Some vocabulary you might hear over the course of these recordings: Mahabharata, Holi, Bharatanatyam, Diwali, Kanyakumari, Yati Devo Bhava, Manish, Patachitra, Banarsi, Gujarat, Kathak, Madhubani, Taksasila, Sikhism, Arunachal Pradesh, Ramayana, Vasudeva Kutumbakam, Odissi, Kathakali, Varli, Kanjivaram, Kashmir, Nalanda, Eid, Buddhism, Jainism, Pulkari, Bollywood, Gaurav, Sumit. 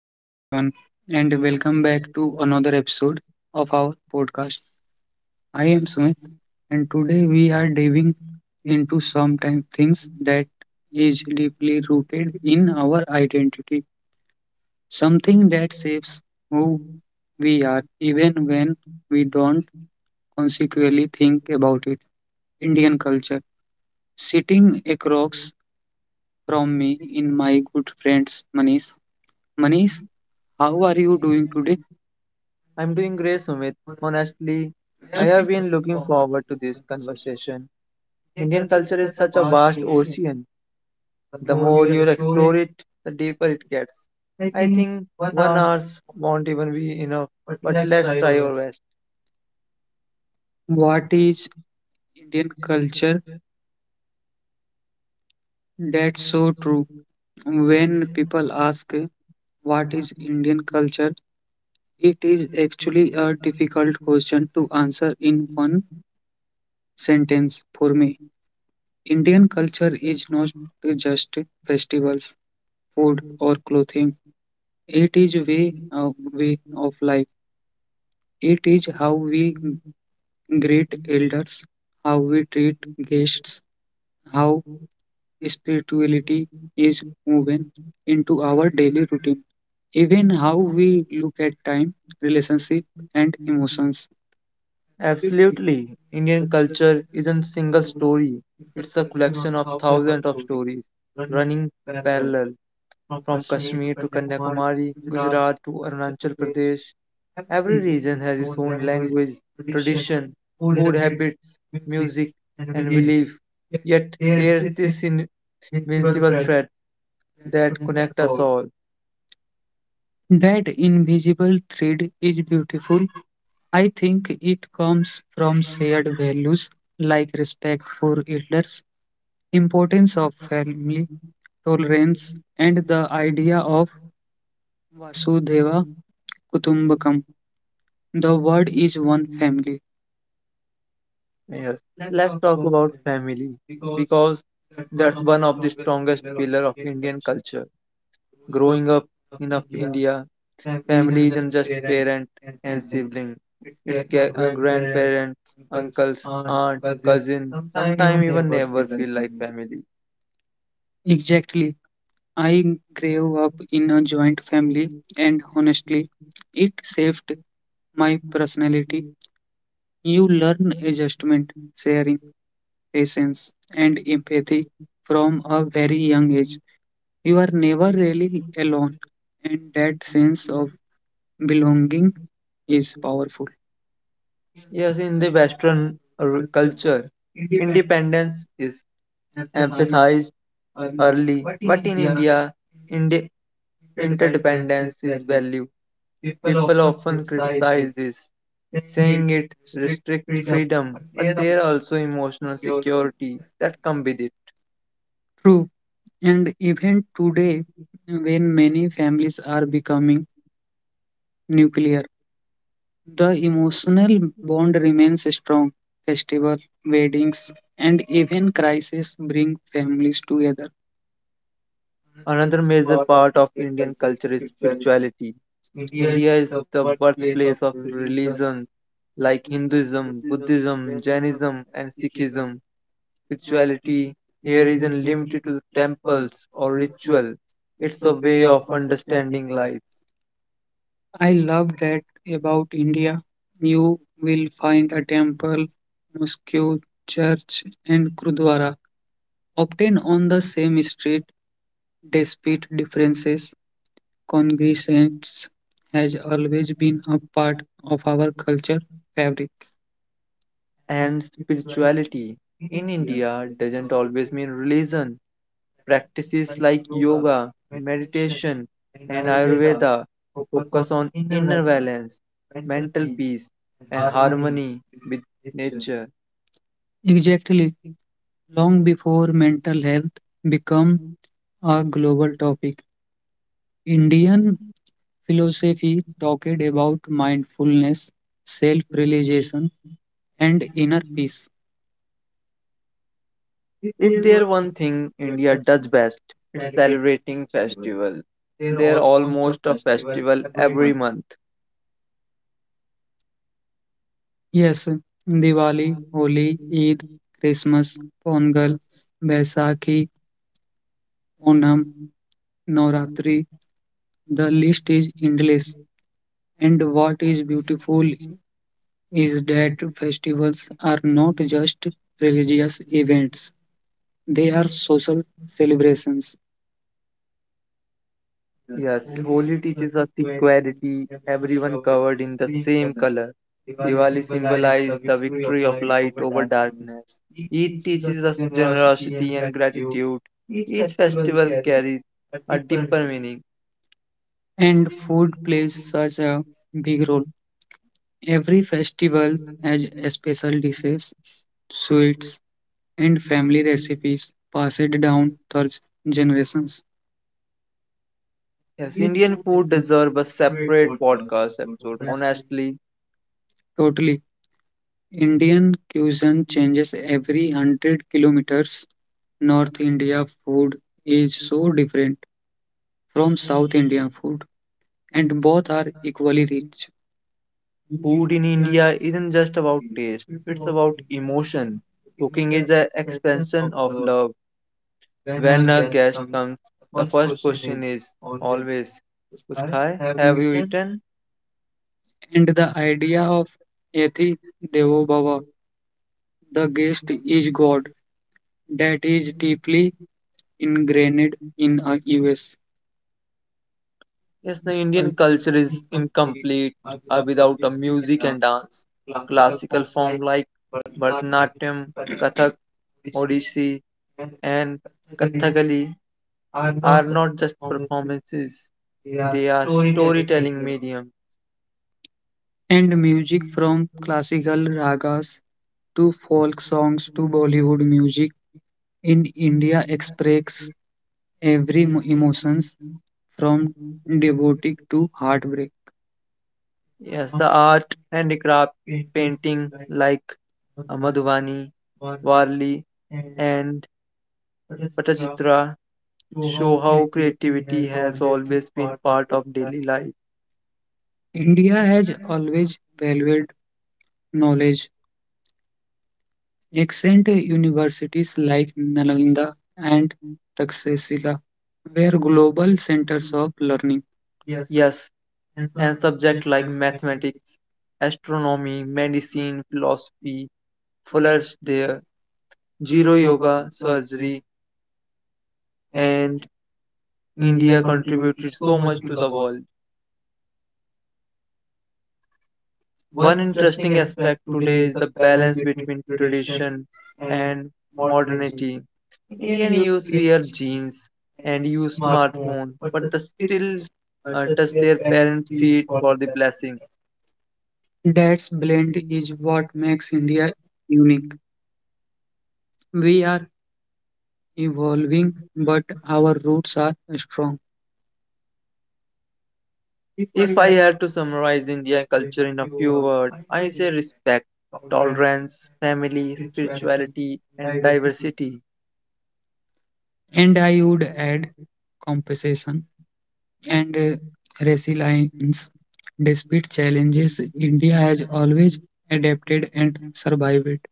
Hello, everyone, and welcome back to another episode of our podcast. I am Sumit, and today we are diving into some things that is deeply rooted in our identity, something that shapes who we are, even when we don't consequently think about it. Indian culture. Sitting across from me in my good friends Manish. Manish, how are you doing today? I'm doing great, Sumit. Honestly, I have been looking forward to this conversation. Indian culture is such a vast ocean. The more you explore it, the deeper it gets. I think 1 hour won't even be enough, but let's try our best. What is Indian culture. That's so true. When people ask what is Indian culture, it is actually a difficult question to answer in one sentence for me. Indian culture is not just festivals, food, or clothing. It is way of life. It is how we greet elders, how we treat guests, how spirituality is woven into our daily routine, even how we look at time, relationship, and emotions. Absolutely. Indian culture isn't a single story, it's a collection of thousands of stories running parallel from Kashmir to Kanyakumari, Gujarat to Arunachal Pradesh. Every region has its own language, tradition, food habits, music, and belief. Yet there's this invincible thread that connects us all. That invisible thread is beautiful. I think it comes from shared values like respect for elders, importance of family, tolerance, and the idea of Vasudeva Kutumbakam. The word is one family. Yes, let's talk about family because that's one of the strongest pillar of Indian culture. Growing up in of India, family isn't just parent and sibling. It's grandparents, uncles, aunt, cousin, sometimes even neighbor feel like family. Exactly. I grew up in a joint family, and honestly, it saved my personality. You learn adjustment, sharing, patience, and empathy from a very young age. You are never really alone, and that sense of belonging is powerful. Yes, in the Western culture, independence is emphasized early, but in India, Indi Interdependence is value. People often criticize this, saying it restricts freedom, but there are also emotional security that come with it. True, and even today, when many families are becoming nuclear, the emotional bond remains strong. Festival, weddings, and even crises bring families together. Another major part of Indian culture is spirituality. India is the birthplace of religions like Hinduism, Buddhism, Jainism, and Sikhism. Spirituality here isn't limited to temples or ritual. It's a way of understanding life. I love that about India. You will find a temple, mosque, church, and gurdwara often on the same street. Despite differences, congregations has always been a part of our culture fabric. And spirituality in India doesn't always mean religion. Practices like yoga, meditation, and Ayurveda focus on inner balance, mental peace, and harmony with nature. Exactly, long before mental health became a global topic, Indian philosophy talked about mindfulness, self realization, and inner peace. If there one thing India does best, it's celebrating festivals. There are almost a festival every month. Yes, Diwali, Holi, Eid, Christmas, Pongal, Baisakhi, Onam, Navratri, the list is endless. And what is beautiful is that festivals are not just religious events. They are social celebrations, Yes, Holi teaches us equality, everyone covered in the same color. Diwali symbolizes the victory of light over darkness. Eid teaches us generosity and gratitude. Each festival carries a deeper meaning. and food plays such a big role. Every festival has a special dishes, sweets, and family recipes passed down through generations. Yes, Indian food deserves a separate podcast episode, honestly. Totally. Indian cuisine changes every 100 kilometers. North India food is so different from South India food, and both are equally rich. Food in India isn't just about taste, it's about emotion. Cooking is an expansion of love. When a guest comes, the first question is always, Kuch khaya? Have you eaten? And the idea of Yati Devo Bhava, the guest is God. That is deeply ingrained in a US. Yes, the Indian culture is incomplete without a music and dance. Classical form like Bharatanatyam, Kathak, Odissi, and Kathakali are not just performances. They are storytelling medium. And music from classical ragas to folk songs to Bollywood music in India expresses every emotions from devoted to heartbreak. Yes, the art, handicraft, painting like Madhubani, Varli, and Patachitra show how creativity has always been part of daily life. India has always valued knowledge. Ancient universities like Nalanda and Taksasila were global centers of learning. Yes, and subject like mathematics, astronomy, medicine, philosophy, flourished there. Zero yoga, surgery, and India contributed so much to the world. One interesting aspect today is the balance between tradition and modernity. Indian youth wear jeans and use smartphone, but they still touch their parents' feet for the blessing. That blend is what makes India unique. We are evolving, but our roots are strong. If I had to summarize Indian culture in a few words, I say respect, tolerance, family, spirituality, and diversity. And I would add compensation and resilience. Despite challenges, India has always adapted and survived.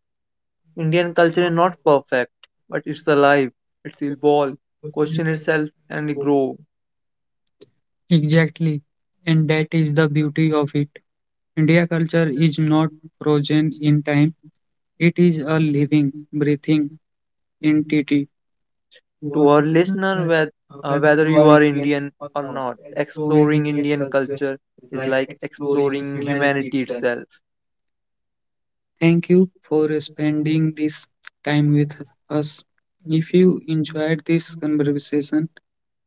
Indian culture is not perfect, but it's alive, it's evolve, question itself and grow. Exactly. And that is the beauty of it. India culture is not frozen in time, it is a living, breathing entity. To our listener, whether you are Indian or not, exploring Indian culture is like exploring humanity itself. Thank you for spending this time with us. If you enjoyed this conversation,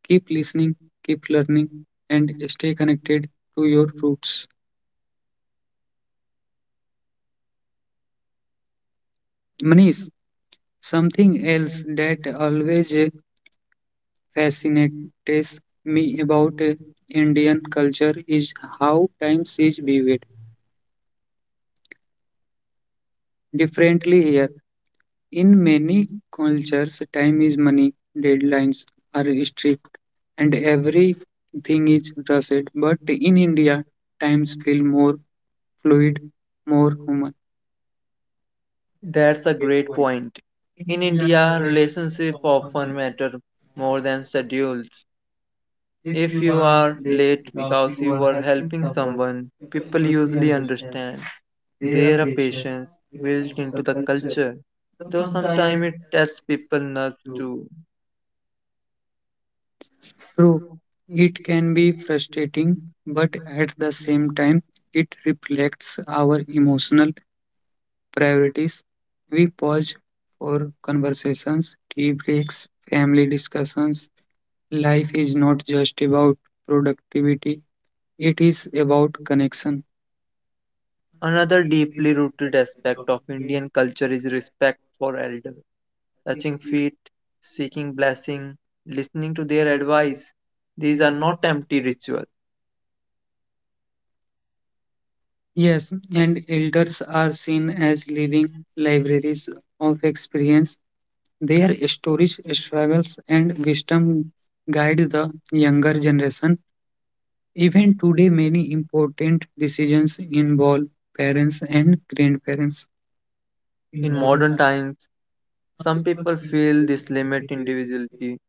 keep listening, keep learning, and stay connected to your roots. Manish, something else that always fascinates me about Indian culture is how time is viewed differently here. In many cultures, time is money, deadlines are strict, and everything is rushed. But in India, times feel more fluid, more human. That's a great point. In India, relationships often matter more than schedules. If you are late because you were helping someone, people usually understand. There are patience built into the culture, though sometimes it tests people nerves too. True, it can be frustrating, but at the same time, it reflects our emotional priorities. We pause for conversations, tea breaks, family discussions, life is not just about productivity, it is about connection. Another deeply rooted aspect of Indian culture is respect for elders. Touching feet, seeking blessing, listening to their advice. These are not empty rituals. Yes, and elders are seen as living libraries of experience. Their stories, struggles, and wisdom guide the younger generation. Even today, many important decisions involve parents and grandparents. In modern times, some people feel this limit individuality,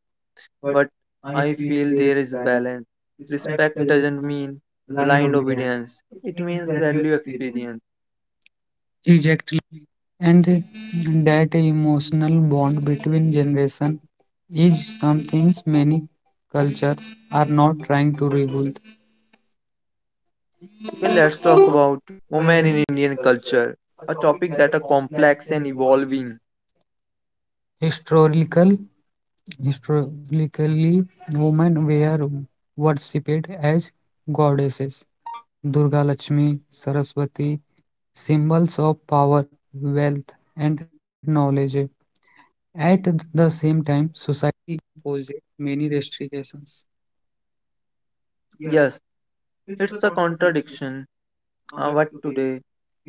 but I feel there is balance. Respect doesn't mean blind obedience, it means value experience. Okay, let's talk about women in Indian culture, a topic that are complex and evolving. Yes, it's a contradiction. But today,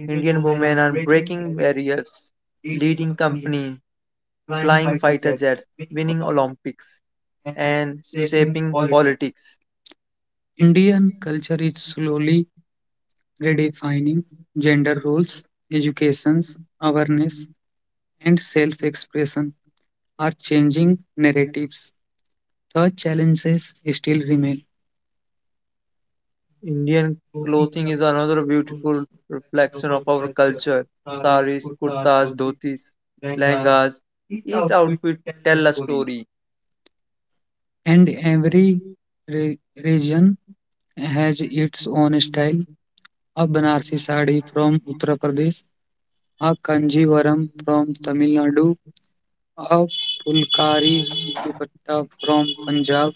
Indian women are breaking barriers, leading companies, flying fighter jets, winning Olympics, and shaping politics. Indian culture is slowly redefining gender roles, educations, awareness, and self expression are changing narratives. The challenges still remain, Indian clothing is another beautiful reflection of our culture. Saris, kurtas, dhotis, lehengas. Each outfit tell a story. and every re- region has its own style. A Banarsi sari from Uttar Pradesh, a Kanjivaram from Tamil Nadu, a Pulkari dupatta from Punjab.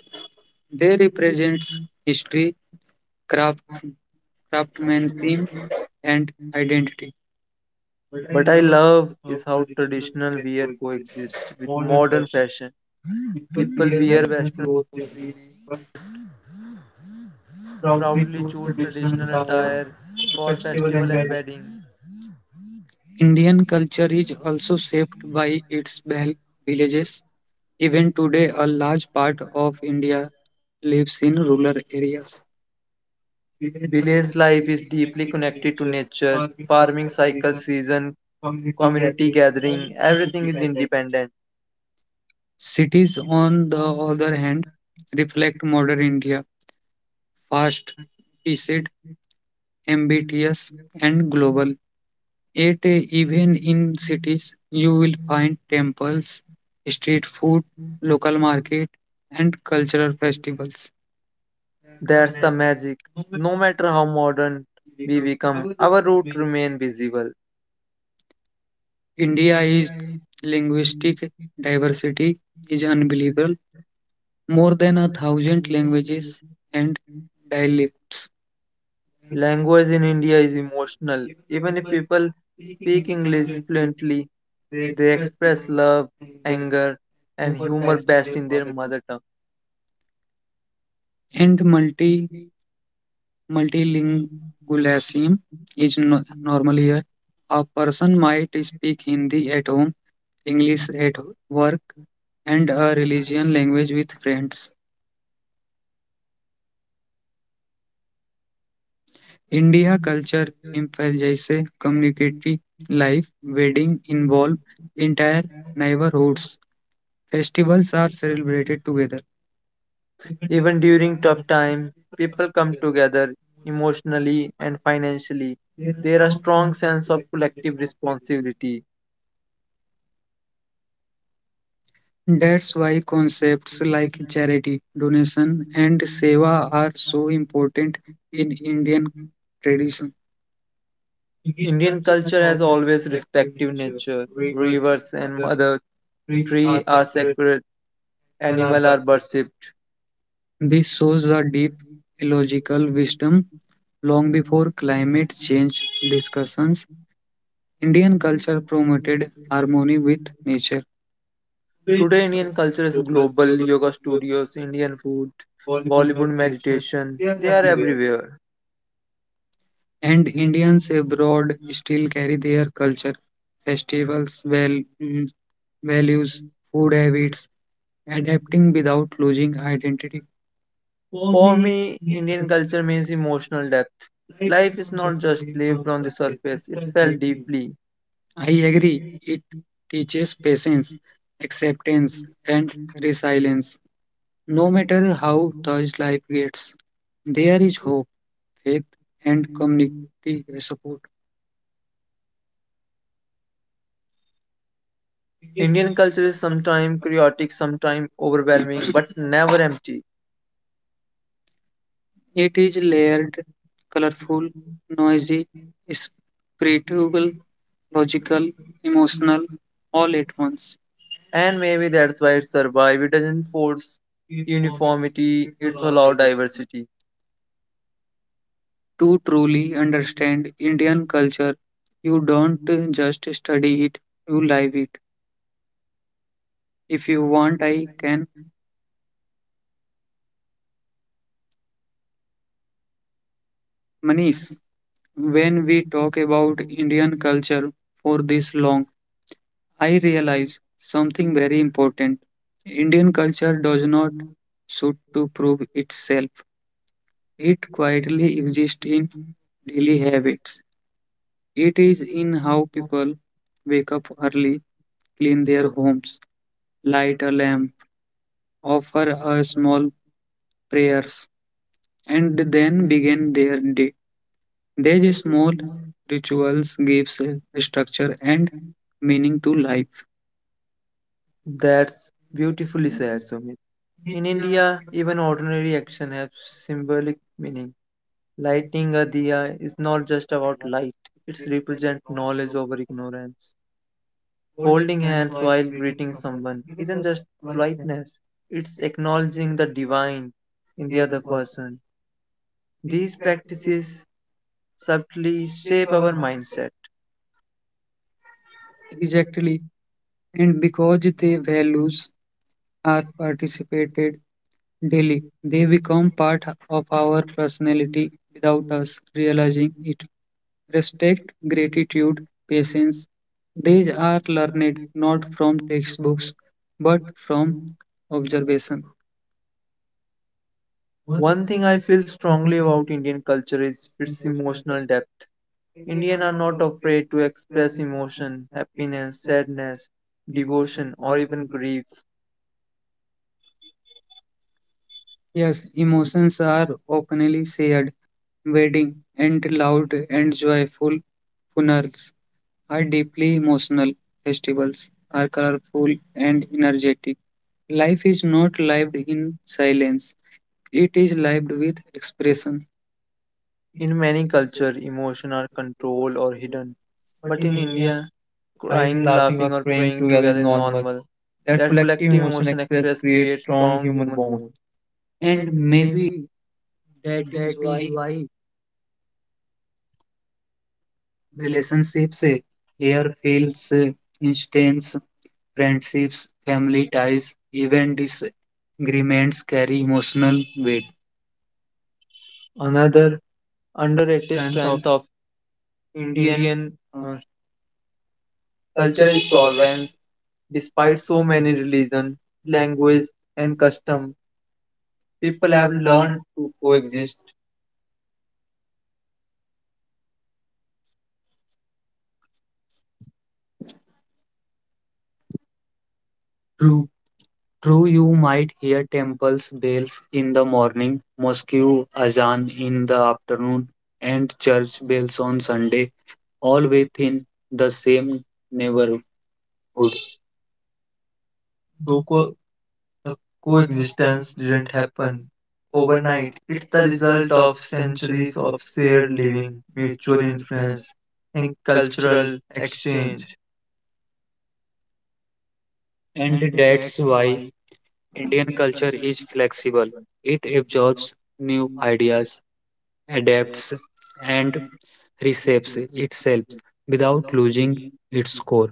They represent history, craft craftsmanship and identity. But I love is how traditional wear coexists with modern fashion. People Indian culture is also shaped by its villages. Even today, a large part of India lives in rural areas. Indians' life is deeply connected to nature, farming cycle, season, community gathering, everything is independent. Cities, on the other hand, reflect modern India, fast, paced, ambitious, and global. Yet, even in cities, you will find temples, street food, local market, and cultural festivals. That's the magic. No matter how modern we become, our roots remain visible. India is linguistic diversity is unbelievable. More than a thousand languages and dialects, Language in India is emotional. Even if people speak English fluently, they express love, anger, and humor best in their mother tongue. and multilingualism is no, normal here. A person might speak Hindi at home, English at work, and a religion language with friends. India culture emphasizes community life. Weddings involve entire neighborhoods. Festivals are celebrated together. Even during tough times, people come together emotionally and financially. There are strong sense of collective responsibility. That's why concepts like charity, donation, and seva are so important in Indian tradition. Indian culture has always respected nature. Rivers and mother tree are sacred, animal are worshipped. This shows the deep illogical wisdom long before climate change discussions. Indian culture promoted harmony with nature. Today, Indian culture is global yoga studios, Indian food, Bollywood meditation, they are everywhere. And Indians abroad still carry their culture, festivals, values, food habits, adapting without losing identity. For me, Indian culture means emotional depth. Life is not just lived on the surface, it's felt deeply. I agree, it teaches patience, acceptance, and resilience. No matter how tough life gets, there is hope, faith, and community support. Indian culture is sometimes chaotic, sometimes overwhelming, but never empty. It is layered, colorful, noisy, spiritual, logical, emotional, all at once. And maybe that's why it survives. It doesn't force uniformity, it's allowed diversity. To truly understand Indian culture, you don't just study it, you live it. If you want, I can. Manish, when we talk about Indian culture for this long, I realize something very important. Indian culture does not shoot to prove itself. It quietly exists in daily habits. It is in how people wake up early, clean their homes, light a lamp, offer a small prayers, and then begin their day. These small rituals gives a structure and meaning to life. That's beautifully said, Sumit. In India, even ordinary action have symbolic meaning. Lighting a diya is not just about light, it represents knowledge over ignorance. Folding hands while greeting someone isn't just politeness, it's acknowledging the divine in the other person. These practices subtly shape our mindset. Exactly. And because their values are participated daily, they become part of our personality without us realizing it. Respect, gratitude, patience, these are learned not from textbooks but from observation. One thing I feel strongly about Indian culture is its emotional depth. Indians are not afraid to express emotion, happiness, sadness, devotion, or even grief. Yes, emotions are openly shared. Waiting Wedding and and loud loud and and joyful joyful funerals in a very are deeply emotional emotional. Festivals are colorful moment. and energetic. Life is Life not is like not music lived in silence. It is library. lived with expression. In many cultures, emotions are controlled or hidden, but in India, crying, laughing, or praying together is normal. That collective emotion express creates strong human bond. And And maybe that that is is why why relationships relationships eh, here here feels feels eh, intense. intense. Friendships, Friendships, family family ties, ties, even even disagreements disagreements carry carry emotional emotional weight. weight. Another underrated strength of Indian uh, culture is tolerance. Despite so many religion, language, and custom, people have learned to coexist. True, true, you might hear temples bells in the morning, mosque azan in the afternoon, and church bells on Sunday, all within the same neighborhood. Though the coexistence didn't happen overnight, it's the result of centuries of shared living, mutual influence, and cultural exchange. And that's why Indian culture is flexible. It absorbs new ideas, adapts, and reshapes itself without losing its core.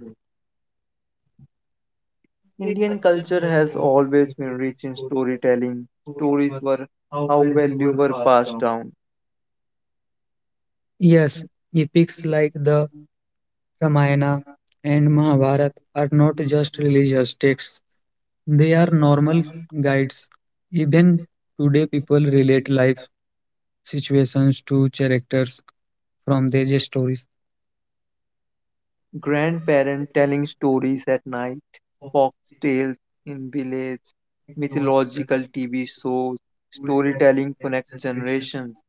Indian culture has always been rich in storytelling. Stories were how value were passed down. Yes, epics like the Ramayana and Mahabharata are not just religious texts, they are normal guides. Even today, people relate life situations to characters from their stories. Grandparents telling stories at night, folk tales in village, mythological TV shows, storytelling connects generations.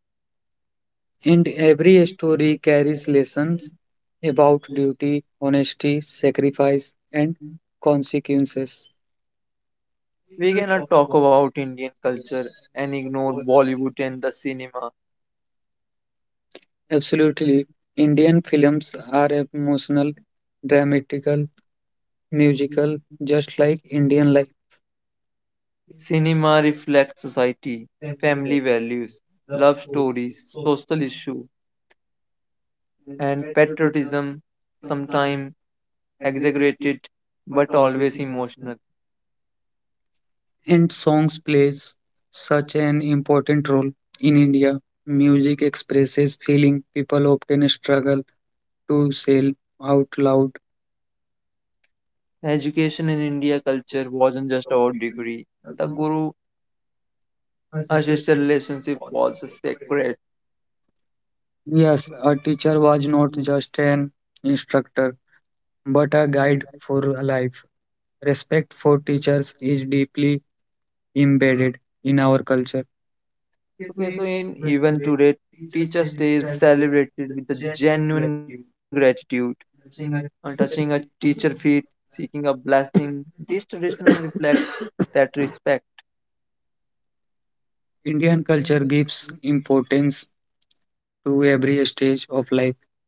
And every story carries lessons about duty, honesty, sacrifice, and consequences. We cannot talk about Indian culture and ignore Bollywood and the cinema. Absolutely, Indian films are emotional, dramatical, musical, just like Indian life. Cinema reflects society, family values, love stories, social issues, and patriotism, sometimes exaggerated but always emotional. And songs plays such an important role in India. Music expresses feeling people often struggle to say out loud. Education in India culture wasn't just about degree. The guru assisted relationship was sacred. Yes, a teacher was not just an instructor, but a guide for life. Respect for teachers is deeply embedded in our culture. Okay, so in even today, Teacher's Day is celebrated with a genuine gratitude. On touching a teacher feet, seeking a blessing, these traditions reflect that respect. Indian culture gives importance to every stage of life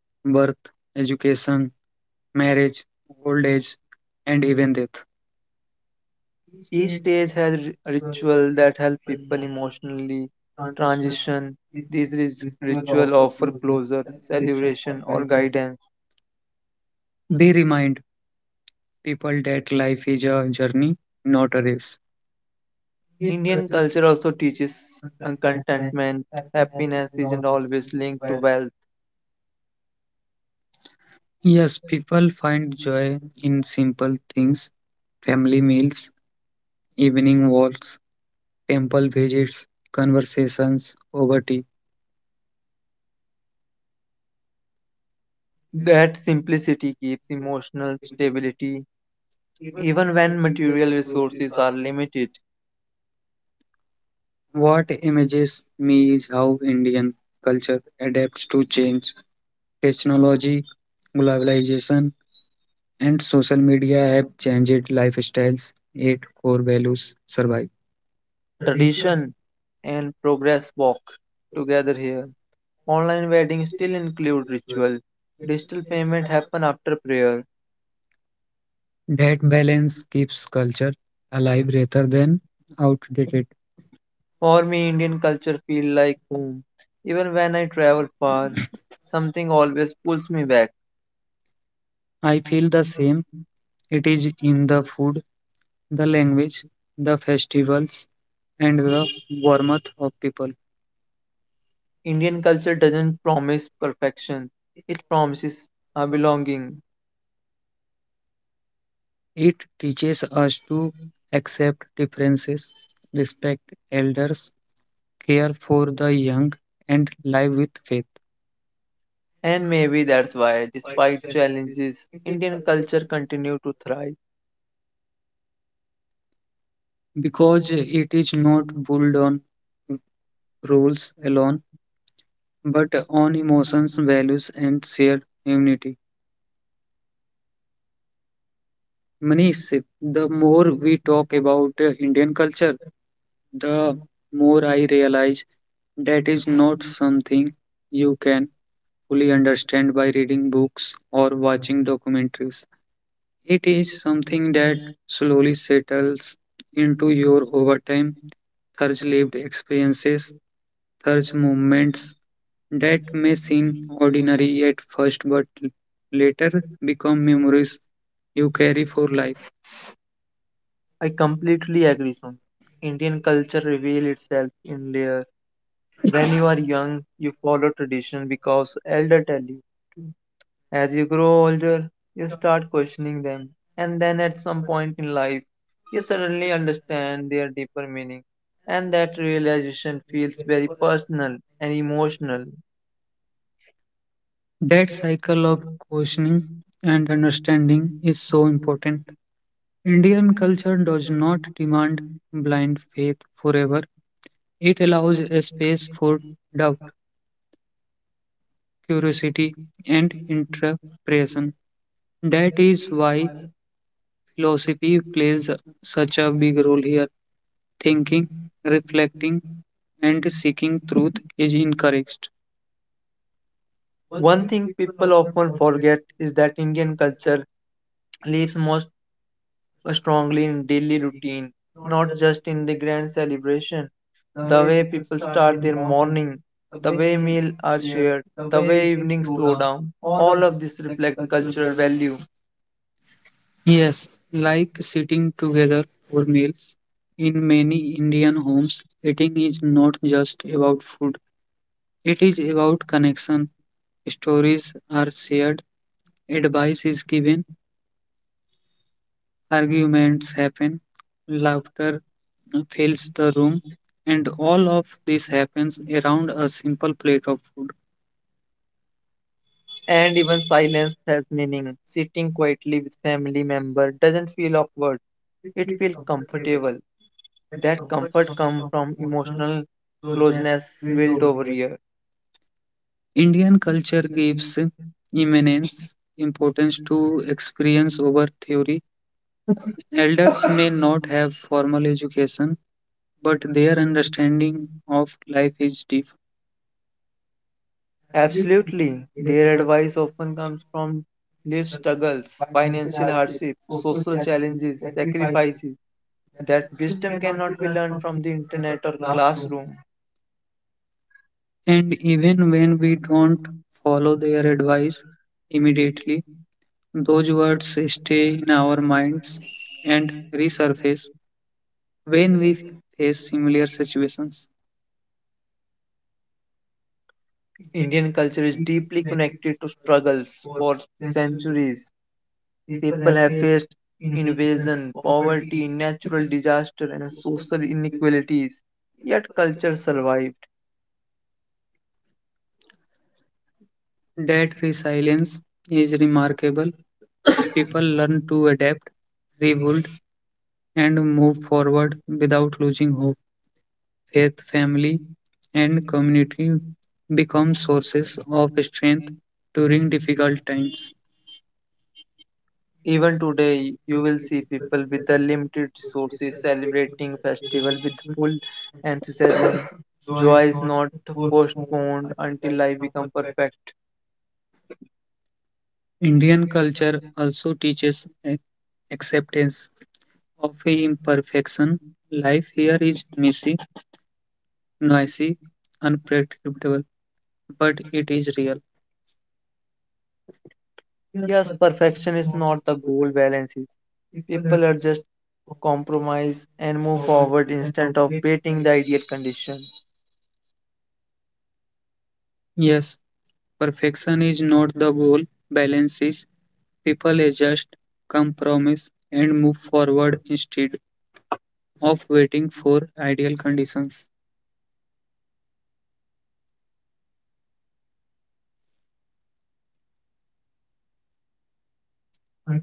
birth, education, marriage, old age, and even death. Each stage has ritual that help people emotionally transition. These ritual offer closure, celebration, or guidance. They remind people that life is a journey, not a race. Indian culture also teaches contentment. Happiness isn't always linked to wealth. Yes, people find joy in simple things family meals, evening walks, temple visits, conversations over tea. That simplicity keeps emotional stability even when material resources are limited. What images me is how Indian culture adapts to change. Technology, globalization, and social media have changed lifestyles, yet core values survive. Tradition and progress walk together here. Online weddings still include ritual. Digital payment happen after prayer. That balance keeps culture alive rather than outdated. For me, Indian culture feel like home. Even when I travel far, something always pulls me back. I feel the same. It is in the food, the language, the festivals, and the warmth of people. Indian culture doesn't promise perfection. It promises a belonging. It teaches us to accept differences, respect elders, care for the young, and live with faith. And maybe that's why, despite challenges, Indian culture continue to thrive. Because it is not built on rules alone, but on emotions, values, and shared unity. Manish, the more we talk about Indian culture, the more I realize that is not something you can fully understand by reading books or watching documentaries. It is something that slowly settles into your over time, thirst lived experiences, thirst Plus movements movements that that may makes seem me ordinary polyhydrous. at first but later become memories you carry for life. I completely agree, Son. Indian culture reveals itself in layers. When you are young, you follow tradition because elder tell you. As you grow older, you start questioning them, and then at some point in life, you suddenly understand their deeper meaning. And that realization feels very personal and emotional. That cycle of questioning and understanding is so important. Indian culture does not demand blind faith forever, it allows a space for doubt, curiosity, and interpretation. That is why philosophy plays such a big role here. Thinking, reflecting, and seeking truth is encouraged. One thing people often forget is that Indian culture lives most strongly in daily routine, not just in the grand celebration. The way people start their morning, the way meals are shared, the way evenings slow down, all of this reflect cultural value. Yes, like sitting together for meals. In many Indian homes, eating is not just about food, it is about connection. Stories are shared, advice is given, arguments happen, laughter fills the room, and all of this happens around a simple plate of food. And even silence has meaning. Sitting quietly with family member doesn't feel awkward. It feels comfortable. That comfort comes from emotional closeness built over years. Indian culture gives immense importance to experience over theory elders may not have formal education, but their understanding of life is deep. Absolutely. Their advice often comes from life struggles, financial hardship, social challenges, sacrifices. That wisdom cannot be learned from the internet or classroom. And even when we don't follow their advice immediately, those words stay in our minds and resurface when we face similar situations. Indian culture is deeply connected to struggles for centuries. People have faced invasion, poverty, natural disaster, and social inequalities, yet culture survived. That resilience is remarkable. People learn to adapt, rebuild, and move forward without losing hope. Faith, family, and community become sources of strength during difficult times. Even today, you will see people with the limited resources celebrating festival with full enthusiasm. Joy is not postponed until life become perfect. Indian culture also teaches acceptance of imperfection. Life here is messy, noisy, unpredictable, but it is real. Yes, perfection is not the goal. Balance is. People are just compromise and move forward instead of waiting the ideal condition. Yes, perfection is not the goal, balance is. People adjust, compromise, and move forward instead of waiting for ideal conditions.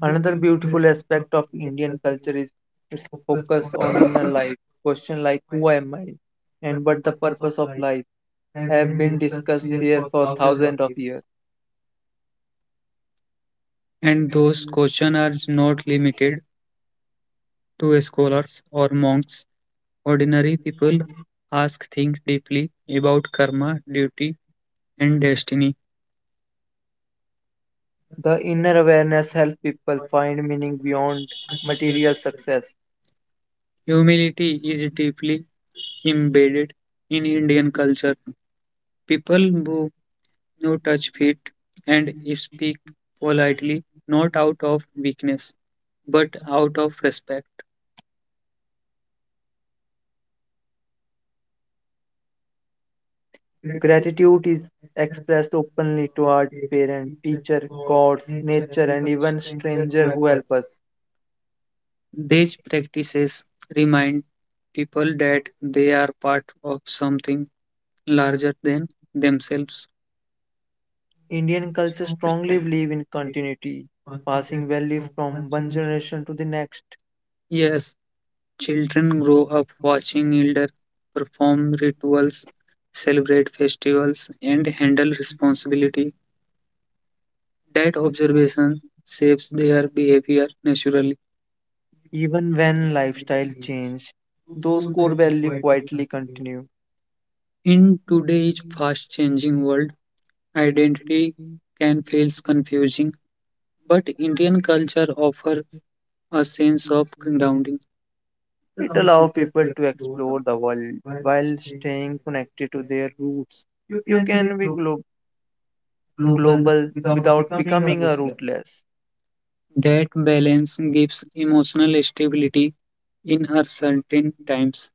Another beautiful aspect of Indian culture is its focus on inner life. Questions like who am I and what the purpose of life have been discussed here for thousands of years. And those questions are not limited to scholars or monks. Ordinary people ask things deeply about karma, duty, and destiny. The inner awareness helps people find meaning beyond material success. Humility is deeply embedded in Indian culture. People who no touch feet and speak politely, not out of weakness, but out of respect. Gratitude is expressed openly toward parents, teacher, gods, nature, and even stranger who help us. These practices remind people that they are part of something larger than themselves. Indian culture strongly believe in continuity, passing value from one generation to the next. Yes, children grow up watching elder perform rituals, celebrate festivals, and handle responsibility. That observation shapes their behavior naturally. Even when lifestyle change, those core values quietly continue. In today's fast changing world, identity can feel confusing, but Indian culture offers a sense of grounding. It allows people to explore the world while staying connected to their roots. You can be global without becoming a rootless. That balance gives emotional stability in uncertain times.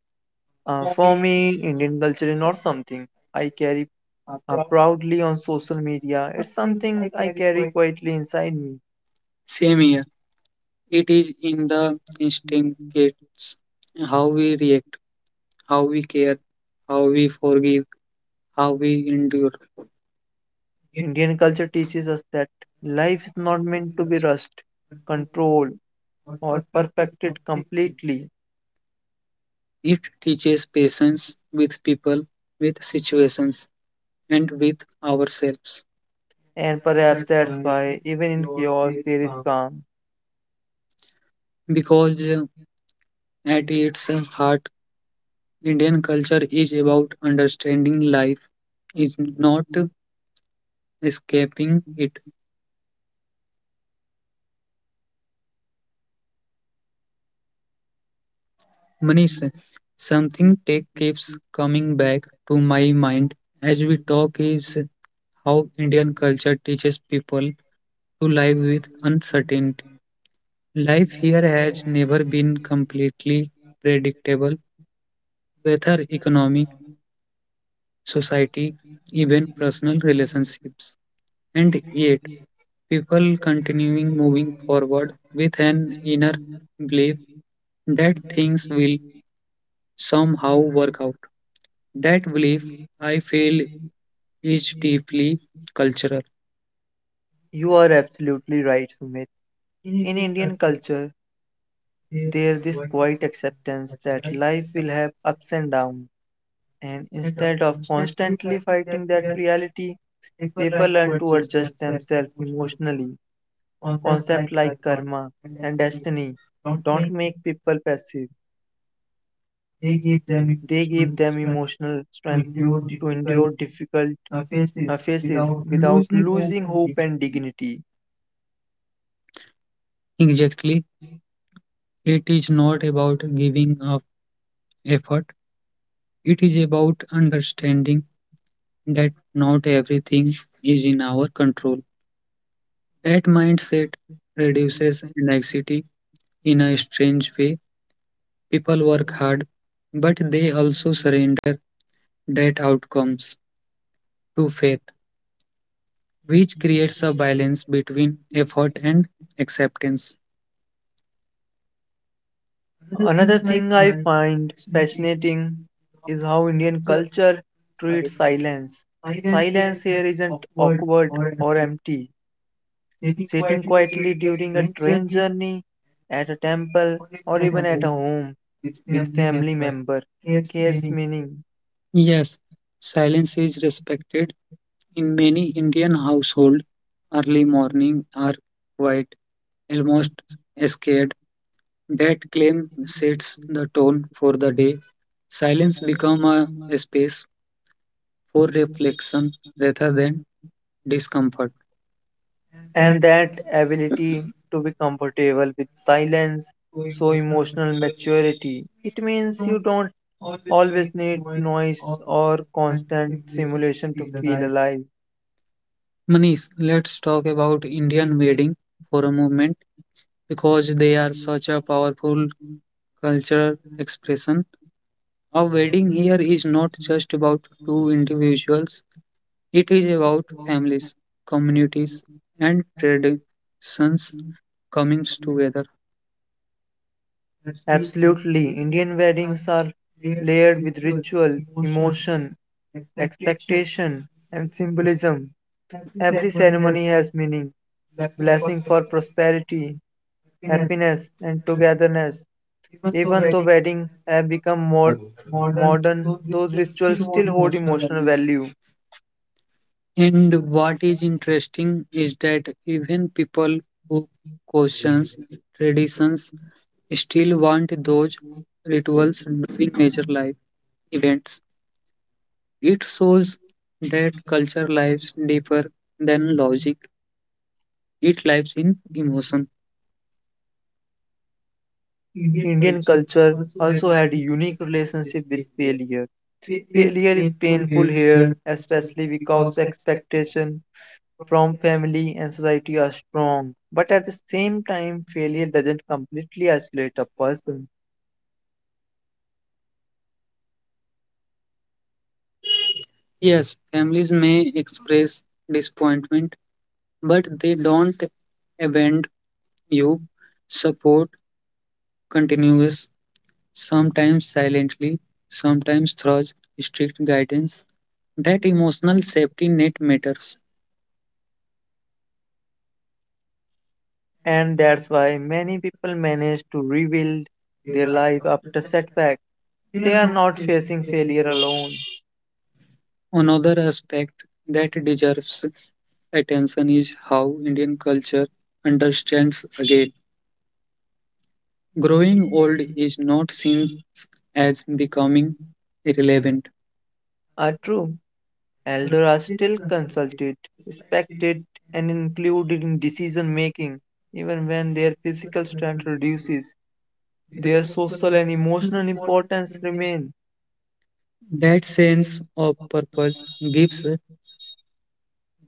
For me, Indian culture is not something I carry proudly on social media. It's something I carry quietly inside me. Same here. It is in the instincts how we react, how we care, how we forgive, how we endure. Indian culture teaches us that life is not meant to be rushed, controlled, or perfected completely, It teaches patience with people, with situations, and with ourselves. and perhaps that's why, even in chaos, there is calm. Because at its heart, Indian culture is about understanding life, is not escaping it. Manish, something tech keeps coming back to my mind as we talk is how Indian culture teaches people to live with uncertainty. Life here has never been completely predictable, whether economy, society, even personal relationships. And yet, people continuing moving forward with an inner belief that things will somehow work out. That belief, I feel, is deeply cultural. You are absolutely right, Sumit. In Indian culture, there's this quiet acceptance that life will have ups and downs, and instead of constantly fighting that reality, people learn to adjust themselves emotionally. Concepts like karma and destiny don't make people passive, they give them emotional strength to endure difficult phases without losing hope and dignity. Exactly. It is not about giving up effort, it is about understanding that not everything is in our control. That mindset reduces anxiety in a strange way. People work hard, but they also surrender that outcomes to faith, which creates a balance between effort and acceptance. Another thing I find fascinating is how Indian culture treats silence. Silence here isn't awkward or empty. Sitting quietly during a train journey, at a temple, or even at a home with family member carries meaning. Yes, silence is respected in many Indian households. Early morning are quiet, almost scared. That claim sets the tone for the day. Silence become a space for reflection rather than discomfort. And that ability to be comfortable with silence so emotional maturity, it means you don't always need noise or constant stimulation to feel alive. Manish, let's talk about Indian wedding for a moment because they are such a powerful cultural expression. A wedding here is not just about two individuals, it is about families, communities, and traditions coming together. Absolutely. Indian weddings are layered with ritual, emotion, expectation, and symbolism. Every ceremony has meaning, blessing for prosperity, happiness, and togetherness. Even though weddings have become more modern, those rituals still hold emotional value. And what is interesting is that even people who question traditions still want those rituals during major life events. It shows that culture lives deeper than logic, it lives in emotion. Indian culture also had a unique relationship with failure. Failure is painful here, especially because expectation from family and society are strong, but at the same time, failure doesn't completely isolate a person, Yes, families may express disappointment, but they don't abandon you support continuous, sometimes silently, sometimes through strict guidance. That emotional safety net matters. and that's why many people manage to rebuild their life after setback. They are not facing failure alone. Another aspect that deserves attention is how Indian culture understands again. Growing old is not seen as becoming irrelevant. Are true. Elders are still consulted, respected, and included in decision making, even when their physical strength reduces. Their social and emotional importance remain. That sense of purpose gives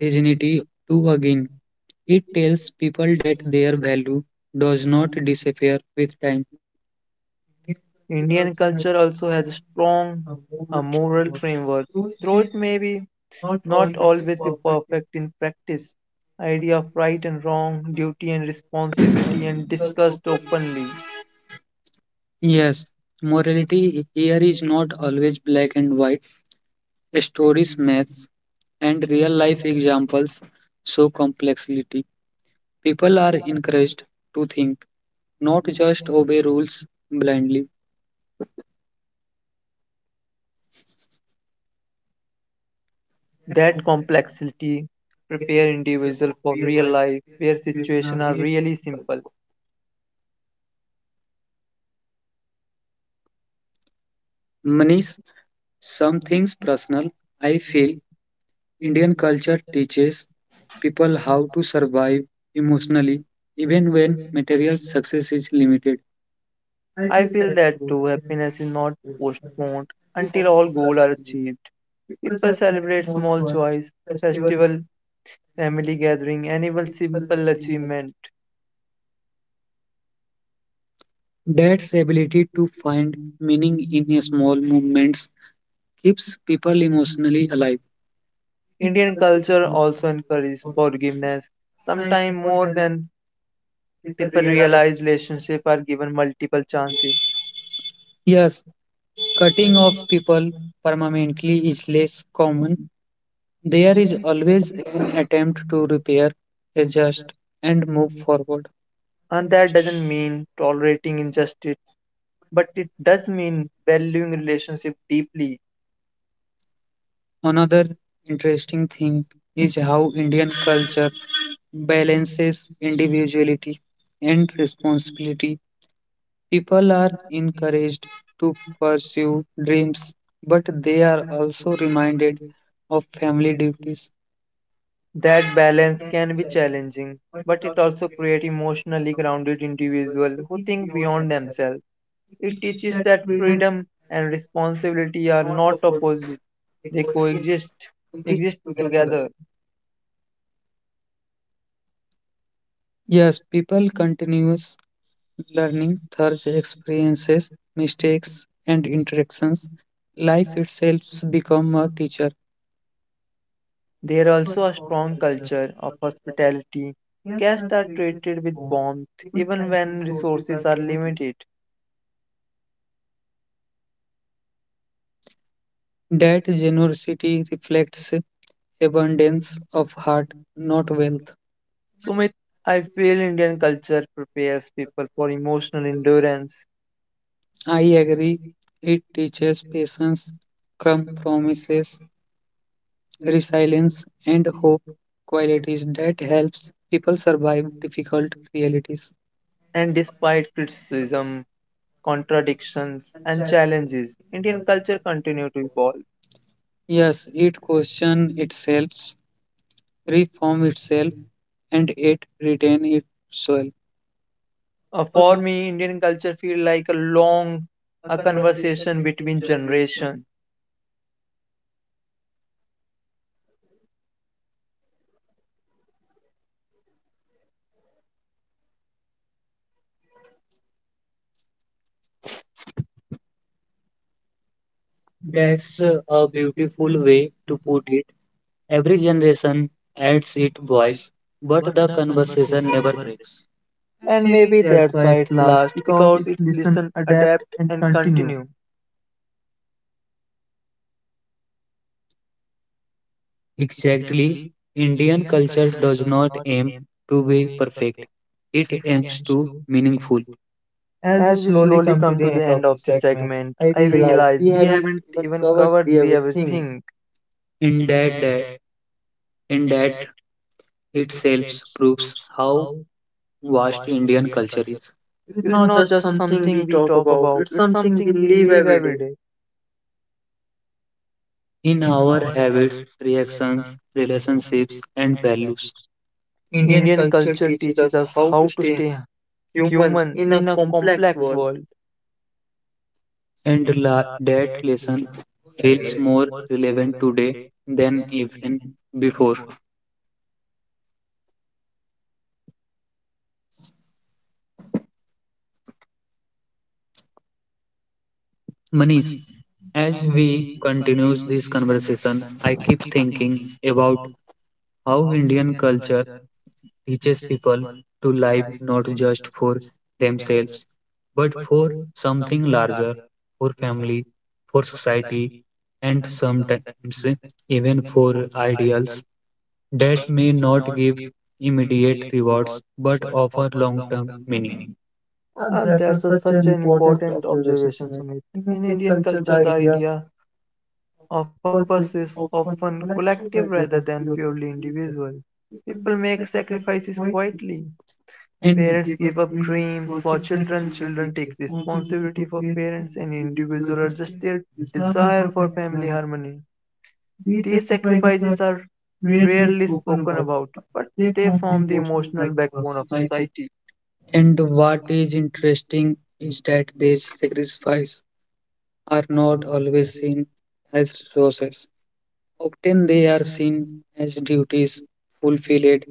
dignity too again. It tells people that their value does not disappear with time. Indian culture also has a strong moral framework, though it may be not always be perfect in practice. Idea of right and wrong, duty and responsibility, and discussed openly. Yes, morality here is not always black and white. Stories, maths, and real life examples show complexity. People are encouraged to think, not just obey rules blindly. That complexity prepare individual for real life where situations are really simple. Manish, some things personal. I feel Indian culture teaches people how to survive emotionally even when material success is limited. I feel that too. Happiness is not postponed until all goals are achieved. People celebrate small joys, festival, family gathering, and even simple achievement. Dad's ability to find meaning in his small movements keeps people emotionally alive. Indian culture also encourages forgiveness. Sometimes more than people realize relationships are given multiple chances. Yes, cutting off people permanently is less common. There is always an attempt to repair, adjust, and move forward. And that doesn't mean tolerating injustice, but it does mean valuing relationship deeply. Another interesting thing is how Indian culture balances individuality and responsibility. People are encouraged to pursue dreams, but they are also reminded of family duties. That balance can be challenging, but it also creates emotionally grounded individuals who think beyond themselves. It teaches that freedom and responsibility are not opposite, they coexist exist together. Yes, people continuous learning through experiences, mistakes, and interactions. Life itself becomes a teacher. There also a strong culture of hospitality. Guests are treated with warmth even when resources are limited. That generosity reflects abundance of heart, not wealth. Sumit, I feel Indian culture prepares people for emotional endurance. I agree. It teaches patience, compromises, resilience, and hope qualities that helps people survive difficult realities. And despite criticism, contradictions, and challenges, Indian culture continues to evolve. Yes, it questions itself, reform itself, and it retain its soul. For me, Indian culture feels like a long a conversation between generation, That's a beautiful way to put it. Every generation adds its voice, but the conversation never breaks. and maybe that's why it's last, because it's listen, adapt, and continue. Exactly. Indian culture does not aim to be perfect. It aims to meaningful. As we slowly come to the end of this segment, I realize we haven't even covered the everything. In that, that in that itself proves how vast Indian culture is. It's not just something we talk about, it's something we live every day. In our habits, reactions, relationships, and values. Indian culture teaches us how to stay human in a complex world. That lesson feels more relevant today than even before. Manish, as we continues this conversation, I keep thinking about how Indian culture teaches people to live not just for themselves, but for something larger, for family, for society, and sometimes even for ideals that may not give immediate rewards but offer long term meaning. Such an important observation, Sumit. In Indian culture, the idea of purpose is often collective rather than purely individual. People make sacrifices quietly. And Parents give up dream for children, children take responsibility for parents, and individuals are just their desire for family harmony. These sacrifices are rarely spoken about, but they form the emotional backbone of society. And what is interesting is that they sacrifice are not always seen as sources. Often they are seen as duties fulfilled,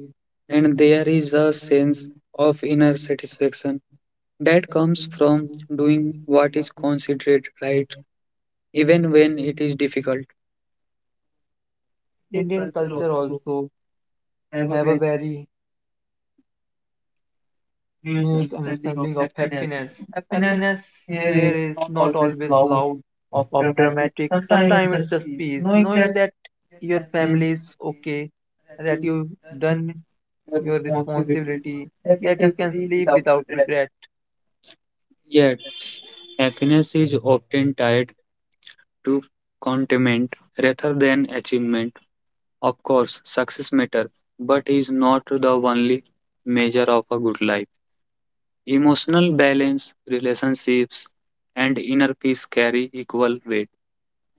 and there is a sense of inner satisfaction that comes from doing what is considered right, even when it is difficult. Indian culture also have a very nuanced understanding of happiness. Happiness here is not always loud or dramatic. Sometimes it's just peace, knowing that your family is okay, that you've done your responsibility, that you can sleep without regret. Yet, happiness is often tied to contentment rather than achievement. Of course, success matters, but is not the only measure of a good life. Emotional balance, relationships, and inner peace carry equal weight.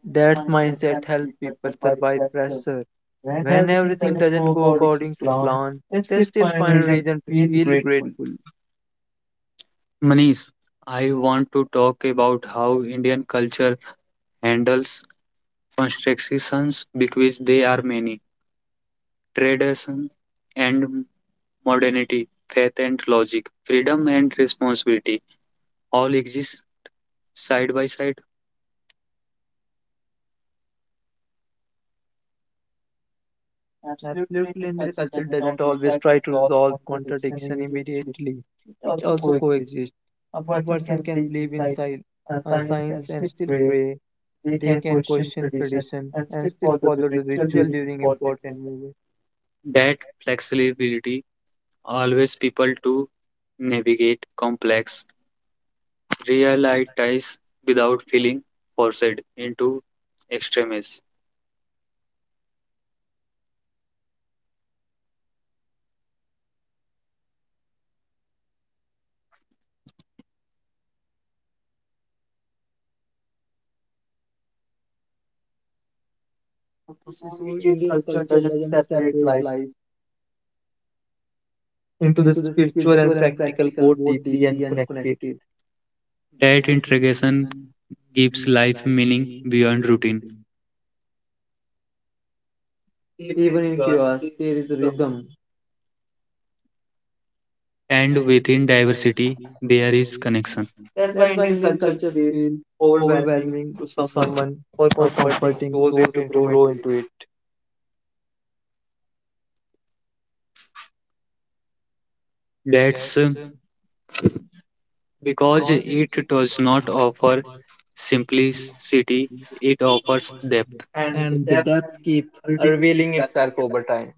That's mindset helps people survive pressure. When everything doesn't go according to plan, they still find a reason to feel grateful. Manish, I want to talk about how Indian culture handles contradictions because they are many. Tradition and modernity, faith and logic, freedom and responsibility all exist side by side. Absolute culinary culture doesn't always try to resolve contradiction immediately. It also coexists. A person can believe in science and still pray. They can question tradition and still follow the ritual during important moments. That flexibility allows people to navigate complex real without feeling forced into extremes. Okay, so Indian culture doesn't separate life into the spiritual and practical, both deeply and connected. That integration gives life meaning beyond routine, Even in chaos, there is a rhythm. and within diversity, there is connection. That's why Indian culture feels overwhelming to someone or comforting those into grow into it. That's because it does not offer simplicity, it offers depth. And the depth keep revealing itself over time.